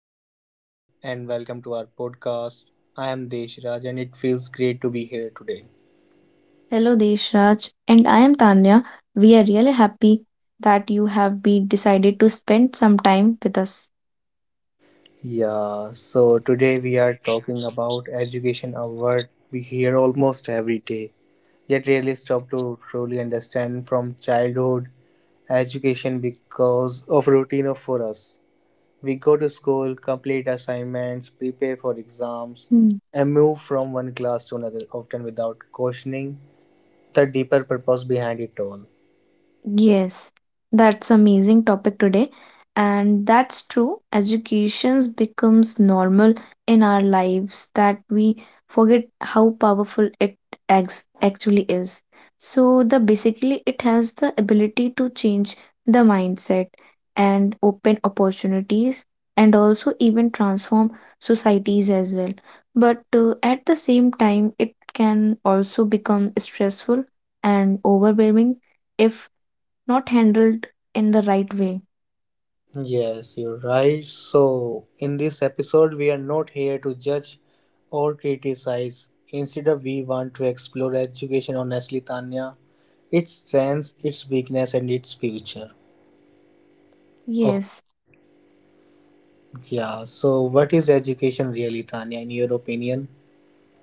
Hello, everyone, and welcome to our podcast. I am Deshraj, and it feels great to be here today. Hello, Deshraj, and I am Tanya. We are really happy that you have been decided to spend some time with us. Yeah, so today we are talking about education, a word we hear almost every day, yet rarely stop to truly understand from childhood education because of routine of for us. We go to school, complete assignments, prepare for exams, and move from one class to another, often without questioning the deeper purpose behind it all. Yes, that's amazing topic today. And that's true. Educations becomes normal in our lives that we forget how powerful it ex actually is. So the basically it has the ability to change the mindset and open opportunities and also even transform societies as well. But at the same time, it can also become stressful and overwhelming if not handled in the right way. Yes, you're right. So, in this episode, we are not here to judge or criticize. Instead, we want to explore education honestly, Tanya, its strengths, its weakness, and its future. Of Yes, yeah. So, what is education really, Tanya, in your opinion?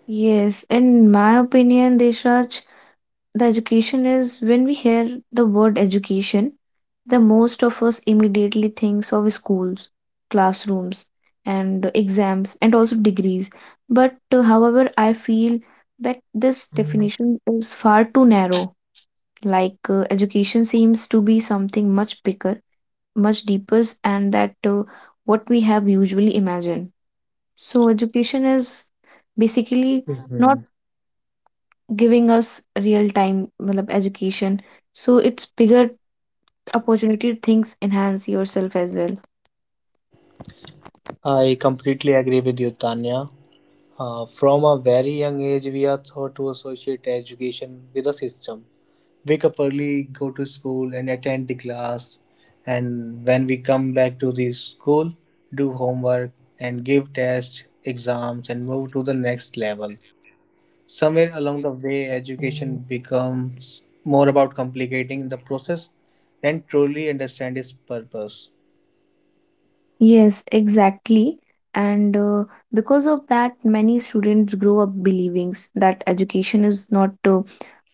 yes. In my opinion, Deshraj, the education is when we hear the word education, the most of us immediately thinks of schools, classrooms, and exams, and also degrees. But however, I feel that this definition is far too narrow. Like education seems to be something much bigger, much deeper, and that what we have usually imagined. So education is basically not hmm giving us real time education. So it's bigger opportunity to things enhance yourself as well. I completely agree with you, Tanya. From a very young age, we are taught to associate education with a system. Wake up early, go to school, and attend the class. And when we come back to the school, do homework and give tests, exams, and move to the next level. Somewhere along the way, education becomes more about complicating the process than truly understand its purpose. Yes, exactly. And because of that, many students grow up believing that education is not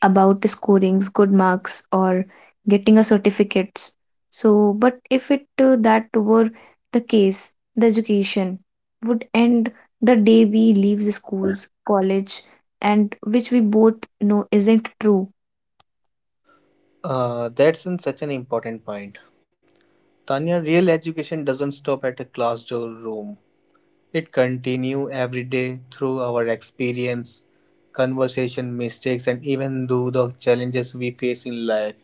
about scoring good marks or getting a certificates. So, but if it that were the case, the education would end the day we leave the schools, college, and which we both know isn't true. That's such an important point. Tanya, real education doesn't stop at a class or room. It continue every day through our experience, conversation, mistakes, and even though the challenges we face in life.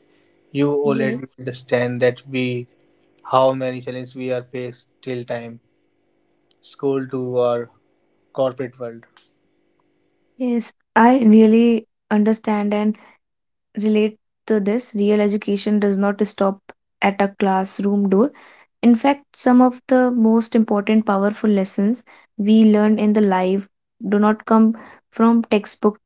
You already Yes, understand that we how many challenges we are faced till time school to our corporate world. yes, I really understand and relate to this. Real education does not stop at a classroom door. In fact, some of the most important, powerful lessons we learn in the life do not come from textbook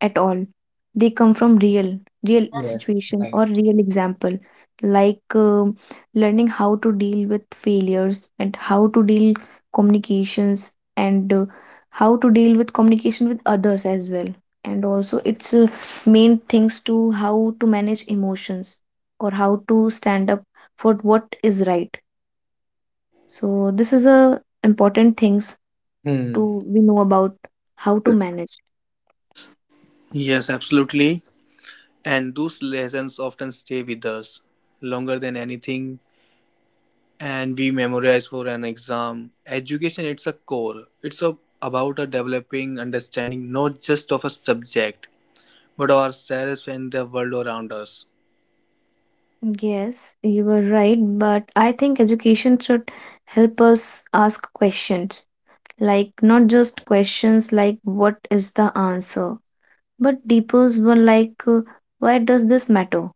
at all. They come from real Yes. situation Right. or real example, like learning how to deal with failures and how to deal communications and how to deal with communication with others as well. And also, it's main things to how to manage emotions or how to stand up for what is right. So this is a important things Hmm. to we know about how to manage. Yes, absolutely. And those lessons often stay with us longer than anything and we memorize for an exam. Education it's a core. It's a, about a developing understanding not just of a subject but ourselves and the world around us. Yes, you were right, but I think education should help us ask questions, like not just questions like what is the answer, but deeper one like why does this matter,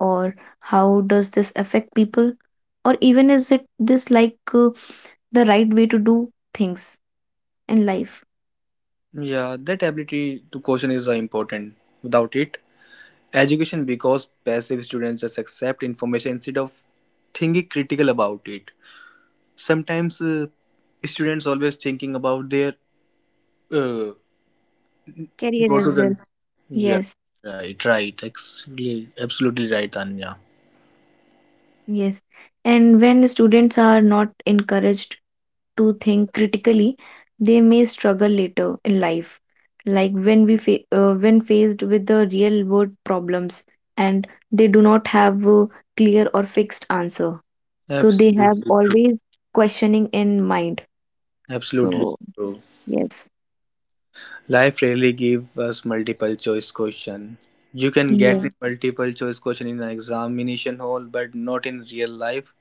or how does this affect people, or even is it this like the right way to do things in life, Yeah, that ability to question is important. Without it, education because passive students just accept information instead of thinking critical about it. Sometimes students always thinking about their uh, career go to as well. the yeah Yes, right absolutely right, Tanya. yes. And when students are not encouraged to think critically, they may struggle later in life, like when faced with the real world problems and they do not have a clear or fixed answer. So they have Absolutely true. always questioning in mind. Absolutely So true. yes, Life rarely give us multiple choice question. You can yeah. get the multiple choice question in an examination hall, but not in real life.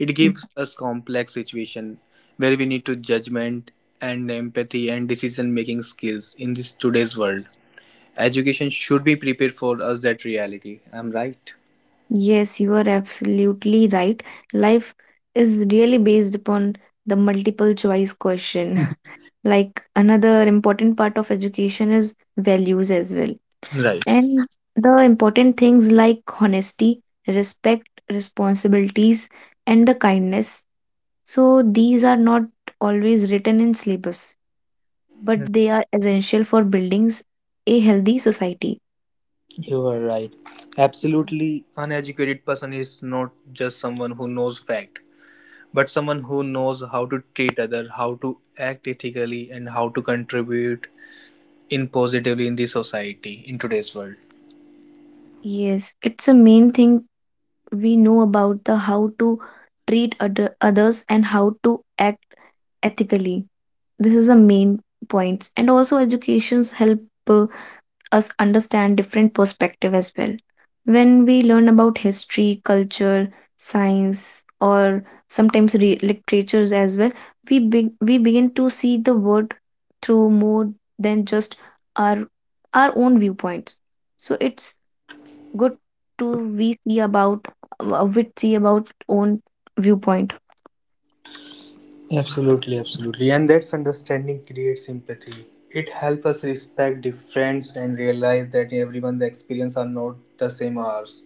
It Mm. gives us complex situation where we need to judgment and empathy and decision making skills in this today's world. Education should be prepared for us that reality. I'm right. Yes, you are absolutely right. Life is really based upon the multiple choice question. Like another important part of education is values as well Right. and the important things like honesty, respect, responsibilities, and the kindness. So these are not always written in syllabus, but they are essential for building a healthy society. You are right. Absolutely uneducated person is not just someone who knows fact, but someone who knows how to treat others, how to act ethically, and how to contribute in positively in the society in today's world. Yes, it's a main thing we know about the how to treat other, others and how to act ethically. This is the main points, and also educations help uh, us understand different perspective as well. When we learn about history culture science or sometimes literatures as well, we begin to see the world through more than just our our own viewpoints. So it's good to we see about own viewpoint. Absolutely, absolutely. And that's understanding creates empathy. It helps us respect difference and realize that everyone's experience are not the same ours.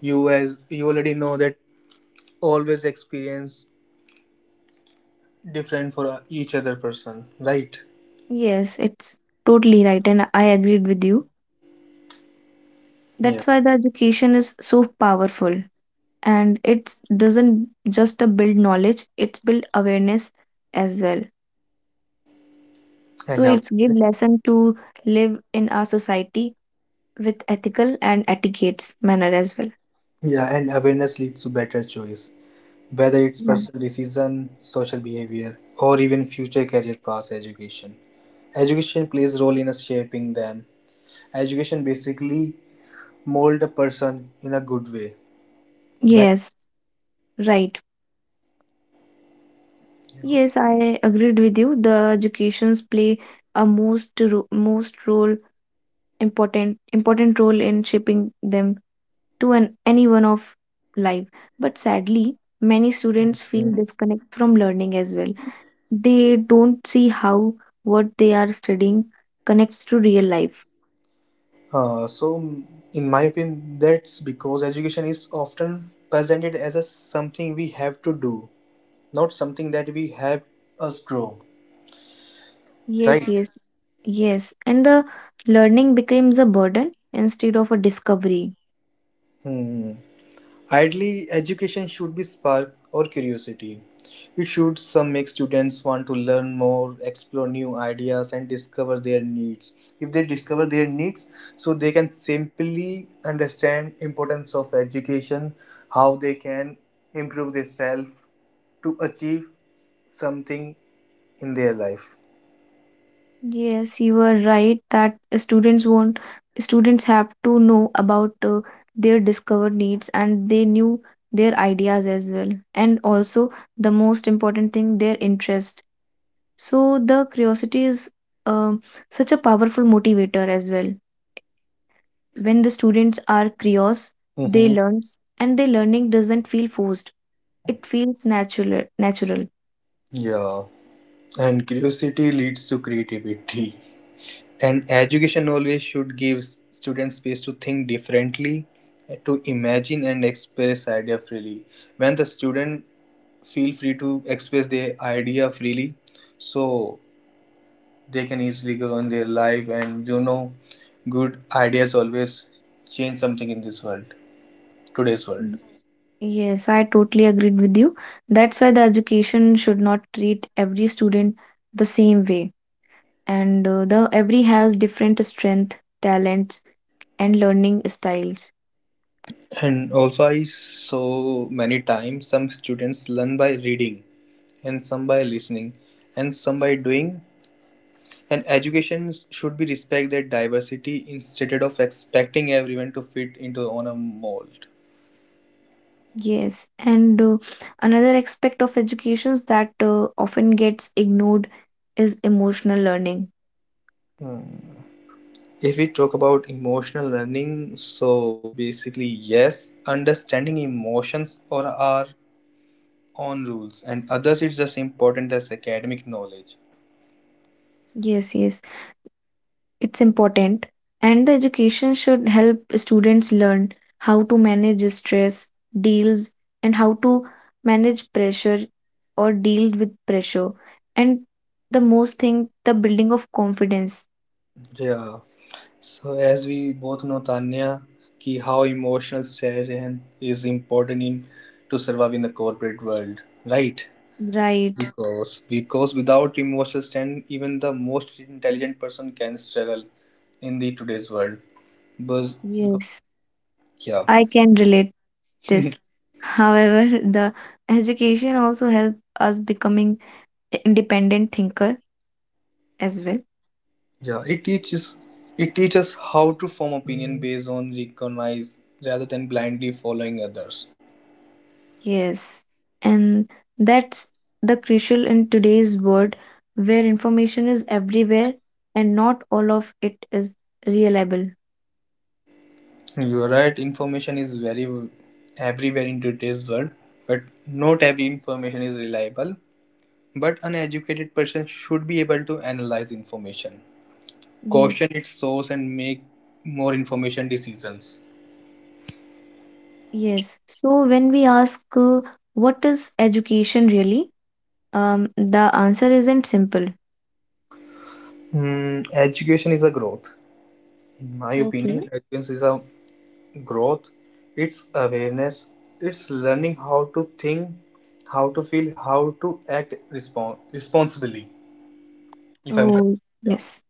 You as you already know that always experience different for each other person, right? Yes, it's totally right and I agreed with you. Yeah. That's why the education is so powerful, and it doesn't just a build knowledge, it's build awareness as well. So And aw- it's give lesson to live in our society with ethical and etiquettes manner as well. yeah, and awareness leads to better choice, whether it's Yeah. personal decision, social behavior, or even future career paths education. Education plays a role in us shaping them. Education basically mold a person in a good way. Like Yes, right, yes, I agreed with you the educations play a most role important role in shaping them to an anyone of life, but sadly many students feel disconnect from learning as well. They don't see how what they are studying connects to real life. So in my opinion that's because education is often presented as a something we have to do, not something that we have us grow. Right? Yes, yes, yes. And the learning becomes a burden instead of a discovery. Hmm. Ideally, education should be spark or curiosity. It should some make students want to learn more, explore new ideas, and discover their needs. If they discover their needs, so they can simply understand importance of education, how they can improve themselves to achieve something in their life. Yes, you are right that students want students have to know about their discovered needs and they knew their ideas as well. And also the most important thing, their interest. So the curiosity is um such a powerful motivator as well. When the students are curious, they hmm learn and their learning doesn't feel forced, it feels natural. Yeah, and curiosity leads to creativity. And education always should give students space to think differently, to imagine and express idea freely. When the student feel free to express their idea freely, so they can easily grow in their life. And you know, good ideas always change something in this world, today's world. Y- yes, I totally agreed with you. That's why the education should not treat every student the same way, and the every has different strength talents and learning styles. And also, I saw many times some students learn by reading, and some by listening, and some by doing, and education should be respect that diversity instead of expecting everyone to fit into on a mold. Yes, and another aspect of education that often gets ignored is emotional learning. If we talk about emotional learning, so basically yes, understanding emotions or our own rules and others is just important as academic knowledge. Yes, yes. It's important, and the education should help students learn how to manage stress, deals, and how to manage pressure or deal with pressure. And the most thing, the building of confidence. Yeah. So as we both know, Tanya, ki how emotional sharing is important in to survive in the corporate world, right? Right. Because without emotional strength even the most intelligent person can struggle in the today's world but because Yes, yeah I can relate this. However, the education also help us becoming independent thinker as well. yeah it teaches how to form opinion based on recognize rather than blindly following others. Yes, and that's the crucial in today's world where information is everywhere and not all of it is reliable. You are right, information is very everywhere in today's world but not every information is reliable but an educated person should be able to analyze information. Question Yes, its source and make more information decisions. yes. So when we ask what is education really, the answer isn't simple. Mm, education is a growth. In my Okay. opinion, education is a growth. It's awareness. It's learning how to think, how to feel, how to act responsibly. If I'm correct. Oh, Yeah. yes,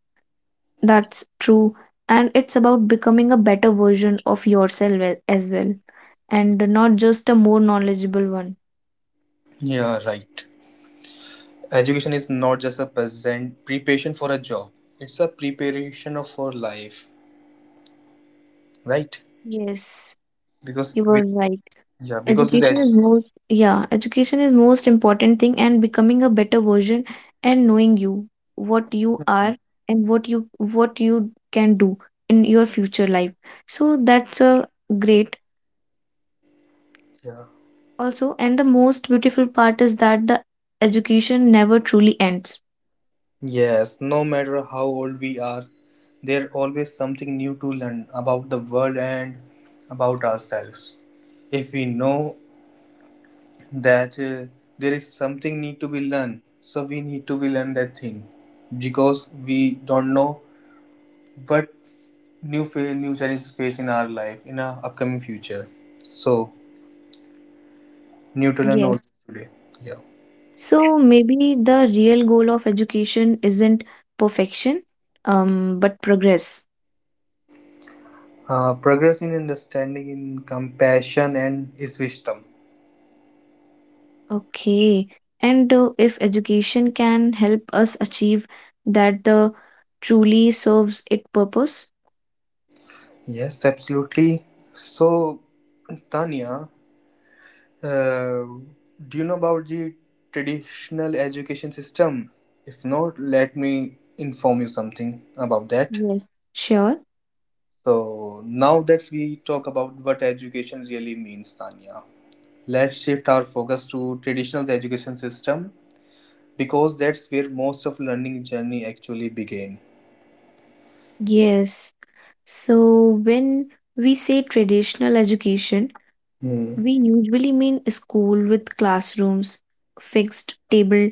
that's true. And it's about becoming a better version of yourself as well, and not just a more knowledgeable one. Yeah, right. Education is not just a present preparation for a job. It's a preparation of for life, right? Yes, Because you were with right. yeah, Education is most, yeah, education is most important thing and becoming a better version and knowing you, what you are and what you can do in your future life. So that's a great yeah. also and the most beautiful part is that the education never truly ends. Yes, no matter how old we are, there's always something new to learn about the world and about ourselves. If we know that there is something need to be learned, so we need to be learn that thing because we don't know what new challenges face in our life in our upcoming future. So, new to learn always Yes. today. Yeah. So maybe the real goal of education isn't perfection, but progress. Progress in understanding, in compassion, and is wisdom. Okay. And if education can help us achieve that the truly serves its purpose? Yes, absolutely. So, Tanya, uh, do you know about the traditional education system? If not, let me inform you something about that. Yes. Sure. So, now that we talk about what education really means, Tanya, let's shift our focus to traditional education system because that's where most of learning journey actually began. Yes. So when we say traditional education, Hmm. we usually mean school with classrooms, fixed table,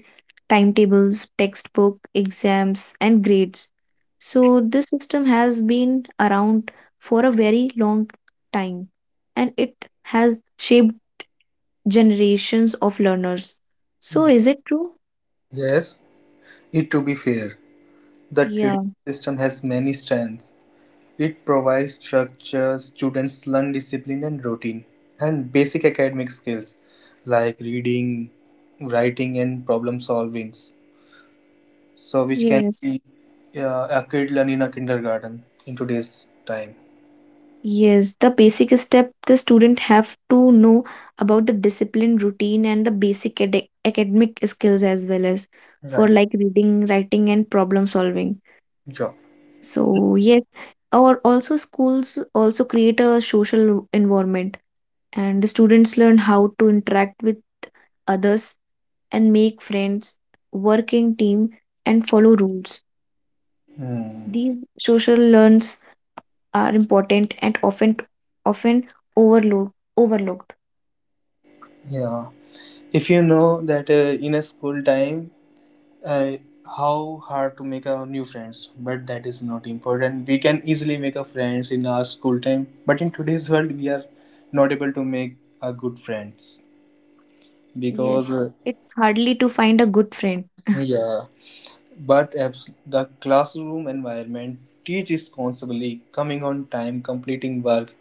timetables, textbook, exams, and grades. So this system has been around for a very long time and it has shaped generations of learners. So is it true? Yes, it to be fair, the Yeah. traditional system has many strands. It provides structure, students learn discipline and routine, and basic academic skills like reading, writing, and problem solving. So, which can Yes. be a kid learn in a kindergarten in today's time. Yes, the basic step the student have to know about the discipline, routine, and the basic academic skills as well as for Right. like reading, writing, and problem solving. Job. So yes, or also schools also create a social environment, and the students learn how to interact with others and make friends, work in team, and follow rules. Hmm. These social learns are important and often overlooked. Yeah. If you know that in a school time uh, how hard to make a new friends but that is not important, we can easily make a friends in our school time but in today's world we are not able to make a good friends Yes, because it's hardly to find a good friend. yeah but the classroom environment teach responsibly, coming on time, completing work,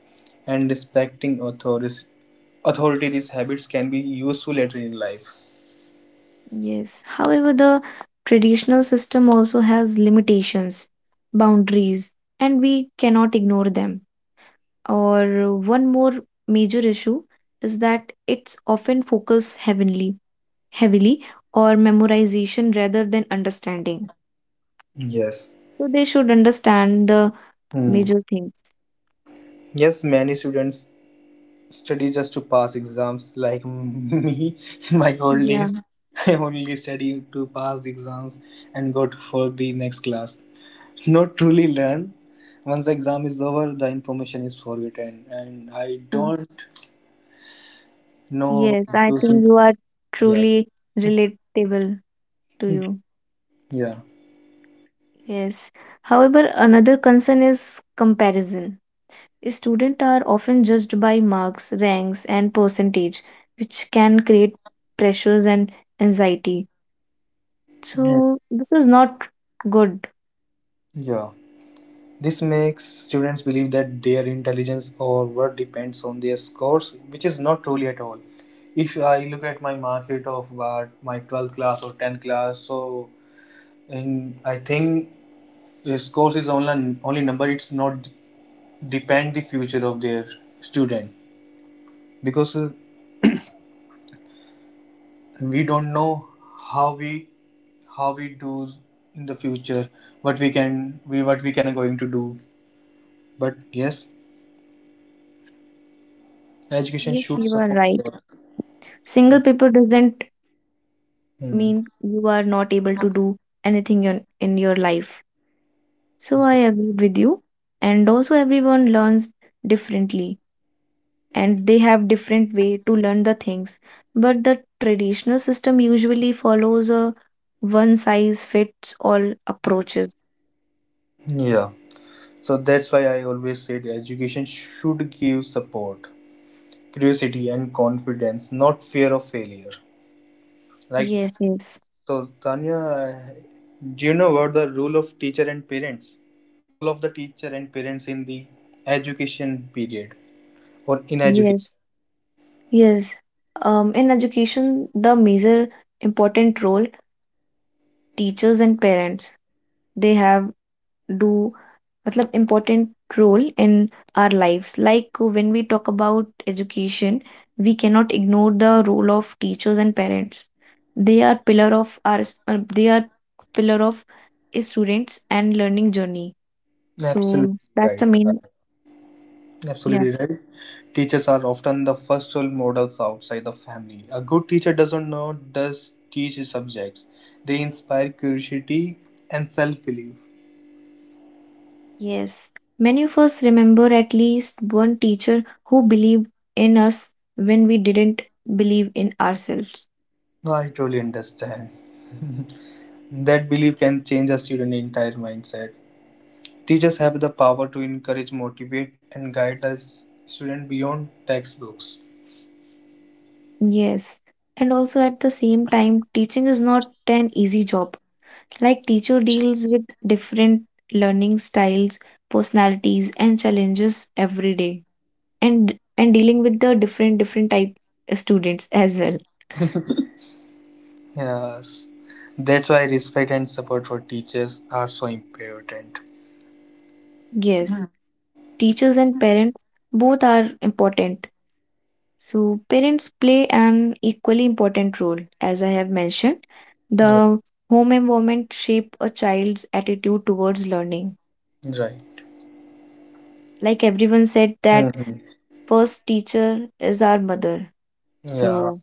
and respecting authorities authority, these habits can be useful later in life. Yes. However, the traditional system also has limitations, boundaries, and we cannot ignore them. Or one more major issue is that it's often focused heavily or memorization rather than understanding. Yes. So they should understand the Hmm. major things. Yes, many students study just to pass exams like me in my old days. Yeah. I only study to pass exams and go to, for the next class, not truly learn. Once the exam is over the information is forgotten and I Yeah. don't know Yes, I those think you are yeah truly relatable to you. yeah Yes. However, another concern is comparison. Students are often judged by marks, ranks, and percentage, which can create pressures and anxiety. yeah. So, this is not good. Yeah. This makes students believe that their intelligence or worth depends on their scores, which is not truly at all. If I look at my market of what my 12th class or 10th class so, and I think scores is only number. It's not depend the future of their student because we don't know how we do in the future, what we can we what we can going to do. But yes, education Yes, should you are support. right. Growth. Single paper doesn't Hmm. mean you are not able to do anything in your life. So, I agree with you. And also, everyone learns differently and they have different way to learn the things, but the traditional system usually follows a one size fits all approaches. Yeah. So that's why I always said education should give support, curiosity, and confidence, not fear of failure. Right? Yes, yes, So, Tanya, do you know about the role of teacher and parents? Role of the teacher and parents in the education period or in education? yes, yes, in education the major important role teachers and parents they have do मतलब important role in our lives. Like when we talk about education, we cannot ignore the role of teachers and parents. They are pillar of our s- they are pillar of a students and learning journey. Absolutely So that's the right. main. Yeah. Absolutely right. Teachers are often the first role models outside the family. A good teacher doesn't know does teach subjects. They inspire curiosity and self-belief. Yes. Many of us remember at least one teacher who believed in us when we didn't believe in ourselves. No, I truly understand. That belief can change a student's entire mindset. Teachers have the power to encourage, motivate, and guide the student beyond textbooks. Yes. And also at the same time, teaching is not an easy job. Like teacher deals with different learning styles, personalities and challenges every day and dealing with the different type students as well. Yes, that's why respect and support for teachers are so important. Yes, teachers and parents both are important. So parents play an equally important role as I have mentioned. Yeah, The home environment shape a child's attitude towards learning. right. Like everyone said that Mhm. first teacher is our mother. Yeah, So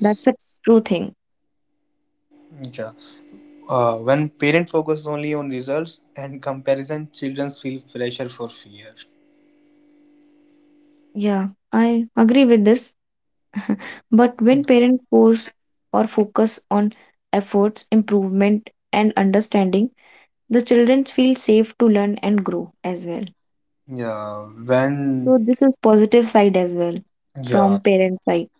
that's a true thing. Yeah. When parents focus only on results and comparison, children feel pressure for fear. Yeah, I agree with this. But when parents force or focus on efforts, improvement, and understanding, the children feel safe to learn and grow as well. Yeah, So when this is positive side as well yeah, from parent side.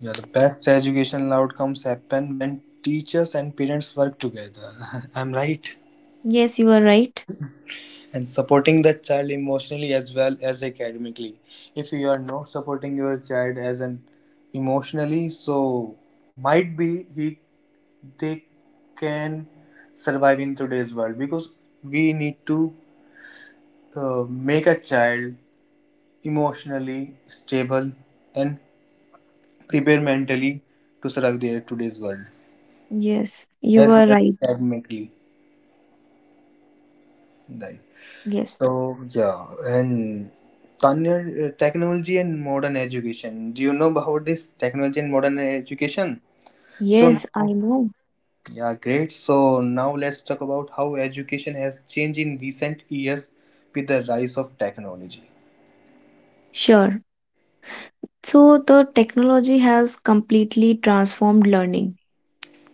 yeah, the best educational outcomes happen when teachers and parents work together. I'm right. Yes, you are right. And supporting the child emotionally as well as academically. If you are not supporting your child as an emotionally, so might be he they can survive in today's world because we need to uh, make a child emotionally stable and prepare mentally to survive their today's world Yes, you as well are as right. academically. Right. Yes. So yeah, and Tanya, technology and modern education. Do you know about this technology and modern education? So Yes, I know. yeah, great. So now let's talk about how education has changed in recent years with the rise of technology. Sure. So the technology has completely transformed learning.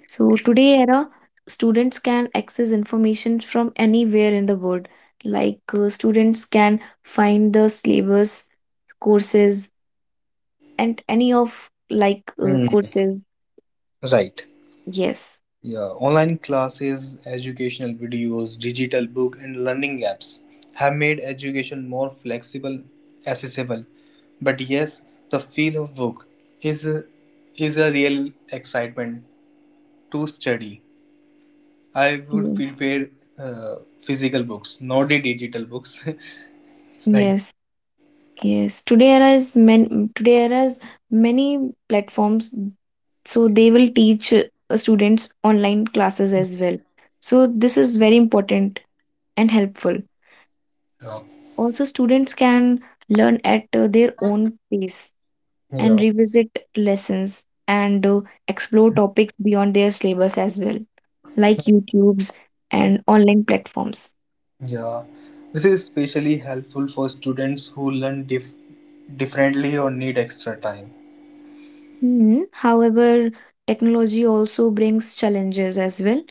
So today era, students can access information from anywhere in the world. Like students can find the syllabus, courses, and any of like Hmm. courses. Right. Yes, Yeah, online classes, educational videos, digital book and learning apps have made education more flexible, accessible. But yes, the feel of book is a, is a real excitement to study. I would mm. prepare uh, physical books, not the digital books. Like Yes, yes. Today era is men. Today era is many platforms, so they will teach students online classes as well. So this is very important and helpful. yeah, Also, students can learn at their own pace and yeah, revisit lessons and explore topics beyond their syllabus as well, like YouTube's and online platforms. yeah. This is especially helpful for students who learn differently or need extra time. Hmm. However, technology also brings challenges as well,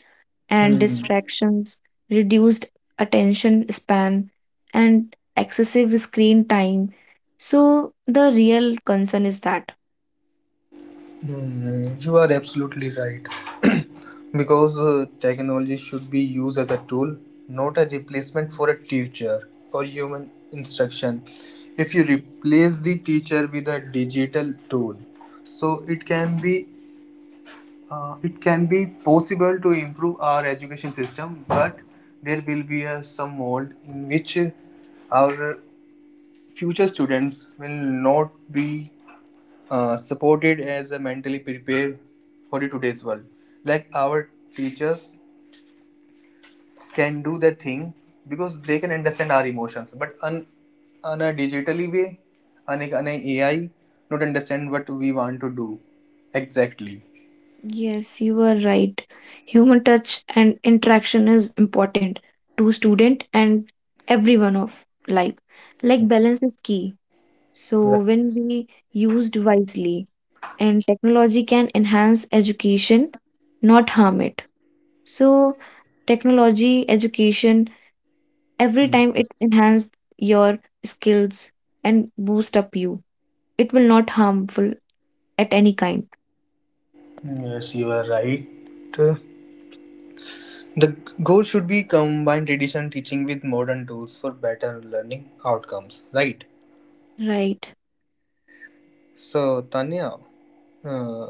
and Hmm. distractions, reduced attention span, and excessive screen time. So, the real concern is that. You are absolutely right. Because technology should be used as a tool, not a replacement for a teacher or human instruction. If you replace the teacher with a digital tool, so it can be possible to improve our education system, but there will be some mold in which our future students will not be supported as a mentally prepared for the today's world. Like our teachers can do that thing because they can understand our emotions, but on a digitally way, on a AI, not understand what we want to do exactly. Yes, you are right. Human touch and interaction is important to student and everyone of life. Like balance is key. So Right. when we used wisely and technology can enhance education, not harm it. So technology, education, every time it enhance your skills and boost up you. It will not harmful at any kind. Yes, you are right. Uh, The goal should be combine traditional teaching with modern tools for better learning outcomes, right? Right. So, Tanya, uh,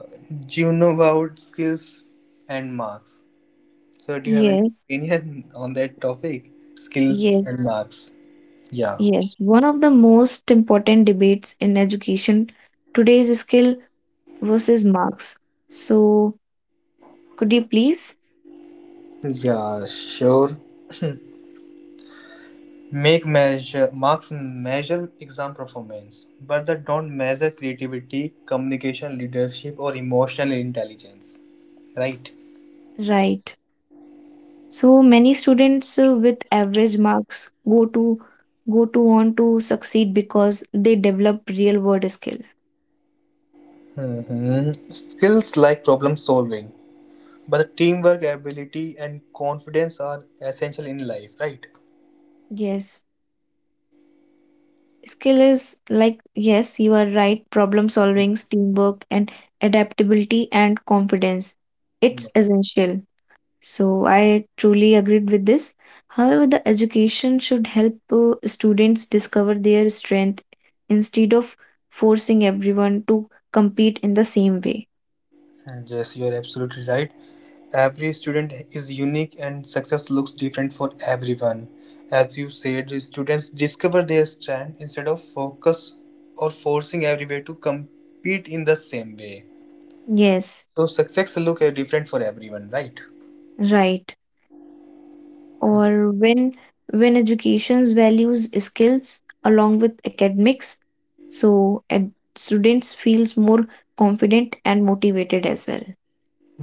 you know about skills and marks. So, do you have any Yes. opinion on that topic? Skills and Yes. marks. Yeah. Yes, one of the most important debates in education today is skill versus marks. So, could you please? Yeah, sure. Make measure marks measure exam performance, but they don't measure creativity, communication, leadership, or emotional intelligence. Right. Right. So many students with average marks go to on to succeed because they develop real world skill. Skills like problem solving, but the teamwork ability and confidence are essential in life, right? Yes. Skill is like yes, you are right, problem solving, teamwork and adaptability and confidence. It's No. essential. So I truly agreed with this. However, the education should help students discover their strength instead of forcing everyone to compete in the same way. And yes, you are absolutely right. Every student is unique and success looks different for everyone. As you said, the students discover their strength instead of focus or forcing everywhere to compete in the same way. Yes, So success look different for everyone, right? right. Or when education's values skills along with academics, so students feels more confident and motivated as well.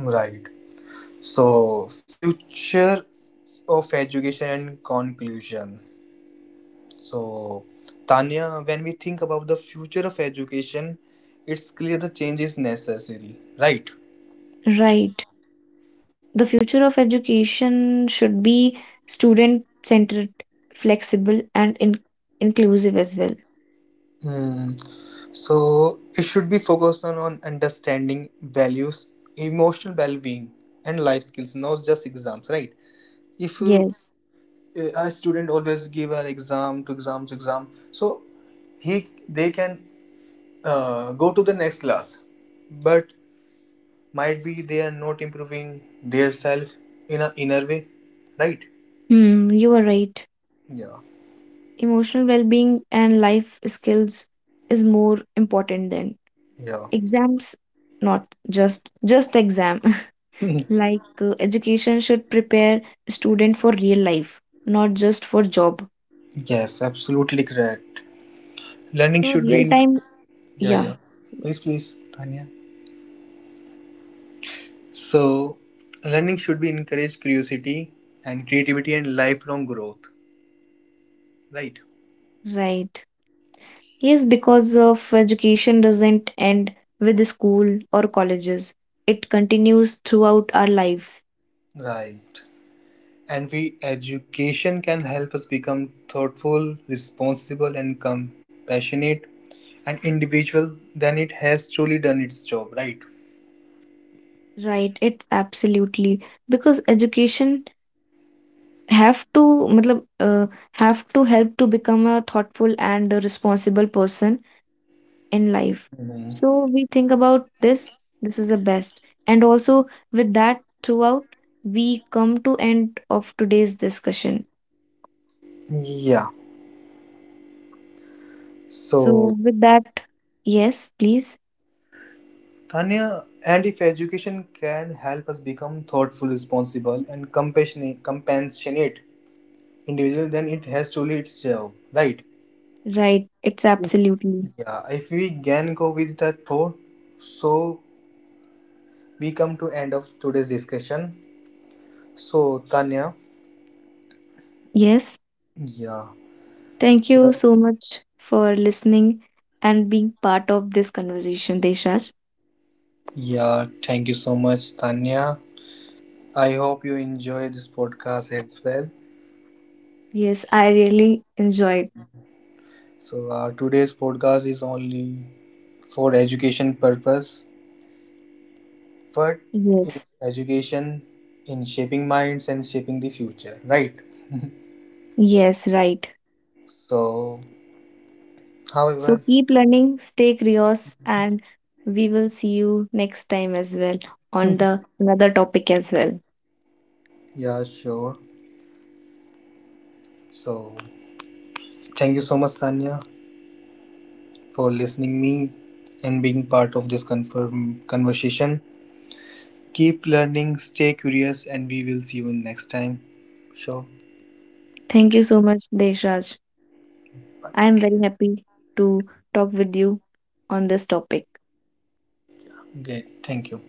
Right. So future of education and conclusion. So Tanya, when we think about the future of education, it's clear the change is necessary, right? Right. The future of education should be student centered, flexible, and inclusive as well. Hmm. So it should be focused on understanding values, emotional well-being, and life skills, not just exams, right? If Yes. a student always give an exam to exams exam, so he they can go to the next class, but might be they are not improving their self in a inner way, right? Hmm, you are right. Yeah, Emotional well being and life skills is more important than yeah. exams, not just exam. Like education should prepare student for real life, not just for job. Yes, absolutely correct. Learning So should be real in. time, Yeah, yeah, yeah. Please, please, Tanya. So, learning should be encourage curiosity and creativity and lifelong growth, right? right. Yes, because of education doesn't end with the school or colleges. It continues throughout our lives, Right. And we education can help us become thoughtful, responsible, and compassionate and individual, then it has truly done its job, right? right? It's absolutely because education have to matlab, uh, have to help to become a thoughtful and a responsible person in life. Mhm. So we think about this, this is the best. And also with that throughout, we come to end of today's discussion. Yeah. So So, with that, yes, please. Tanya, and if education can help us become thoughtful, responsible, and compassionate individual, then it has truly its job, right? Right, it's absolutely. Yeah, if we can go with that thought, so we come to end of today's discussion. So Tanya, Yes, yeah, thank you so- so much for listening and being part of this conversation, Desharj. yeah, thank you so much, Tanya. I hope you enjoy this podcast as well. Yes, I really enjoyed. So today's podcast is only for education purpose. What is Yes, education in shaping minds and shaping the future, right? yes, right. So, So however, keep learning, stay curious, and we will see you next time as well on the another topic as well. yeah, sure. So, thank you so much, Tanya, for listening me and being part of this confirm conversation. Keep learning, stay curious, and we will see you next time. Sure. Thank you so much, Deshraj. I am very happy to talk with you on this topic. Okay. Thank you.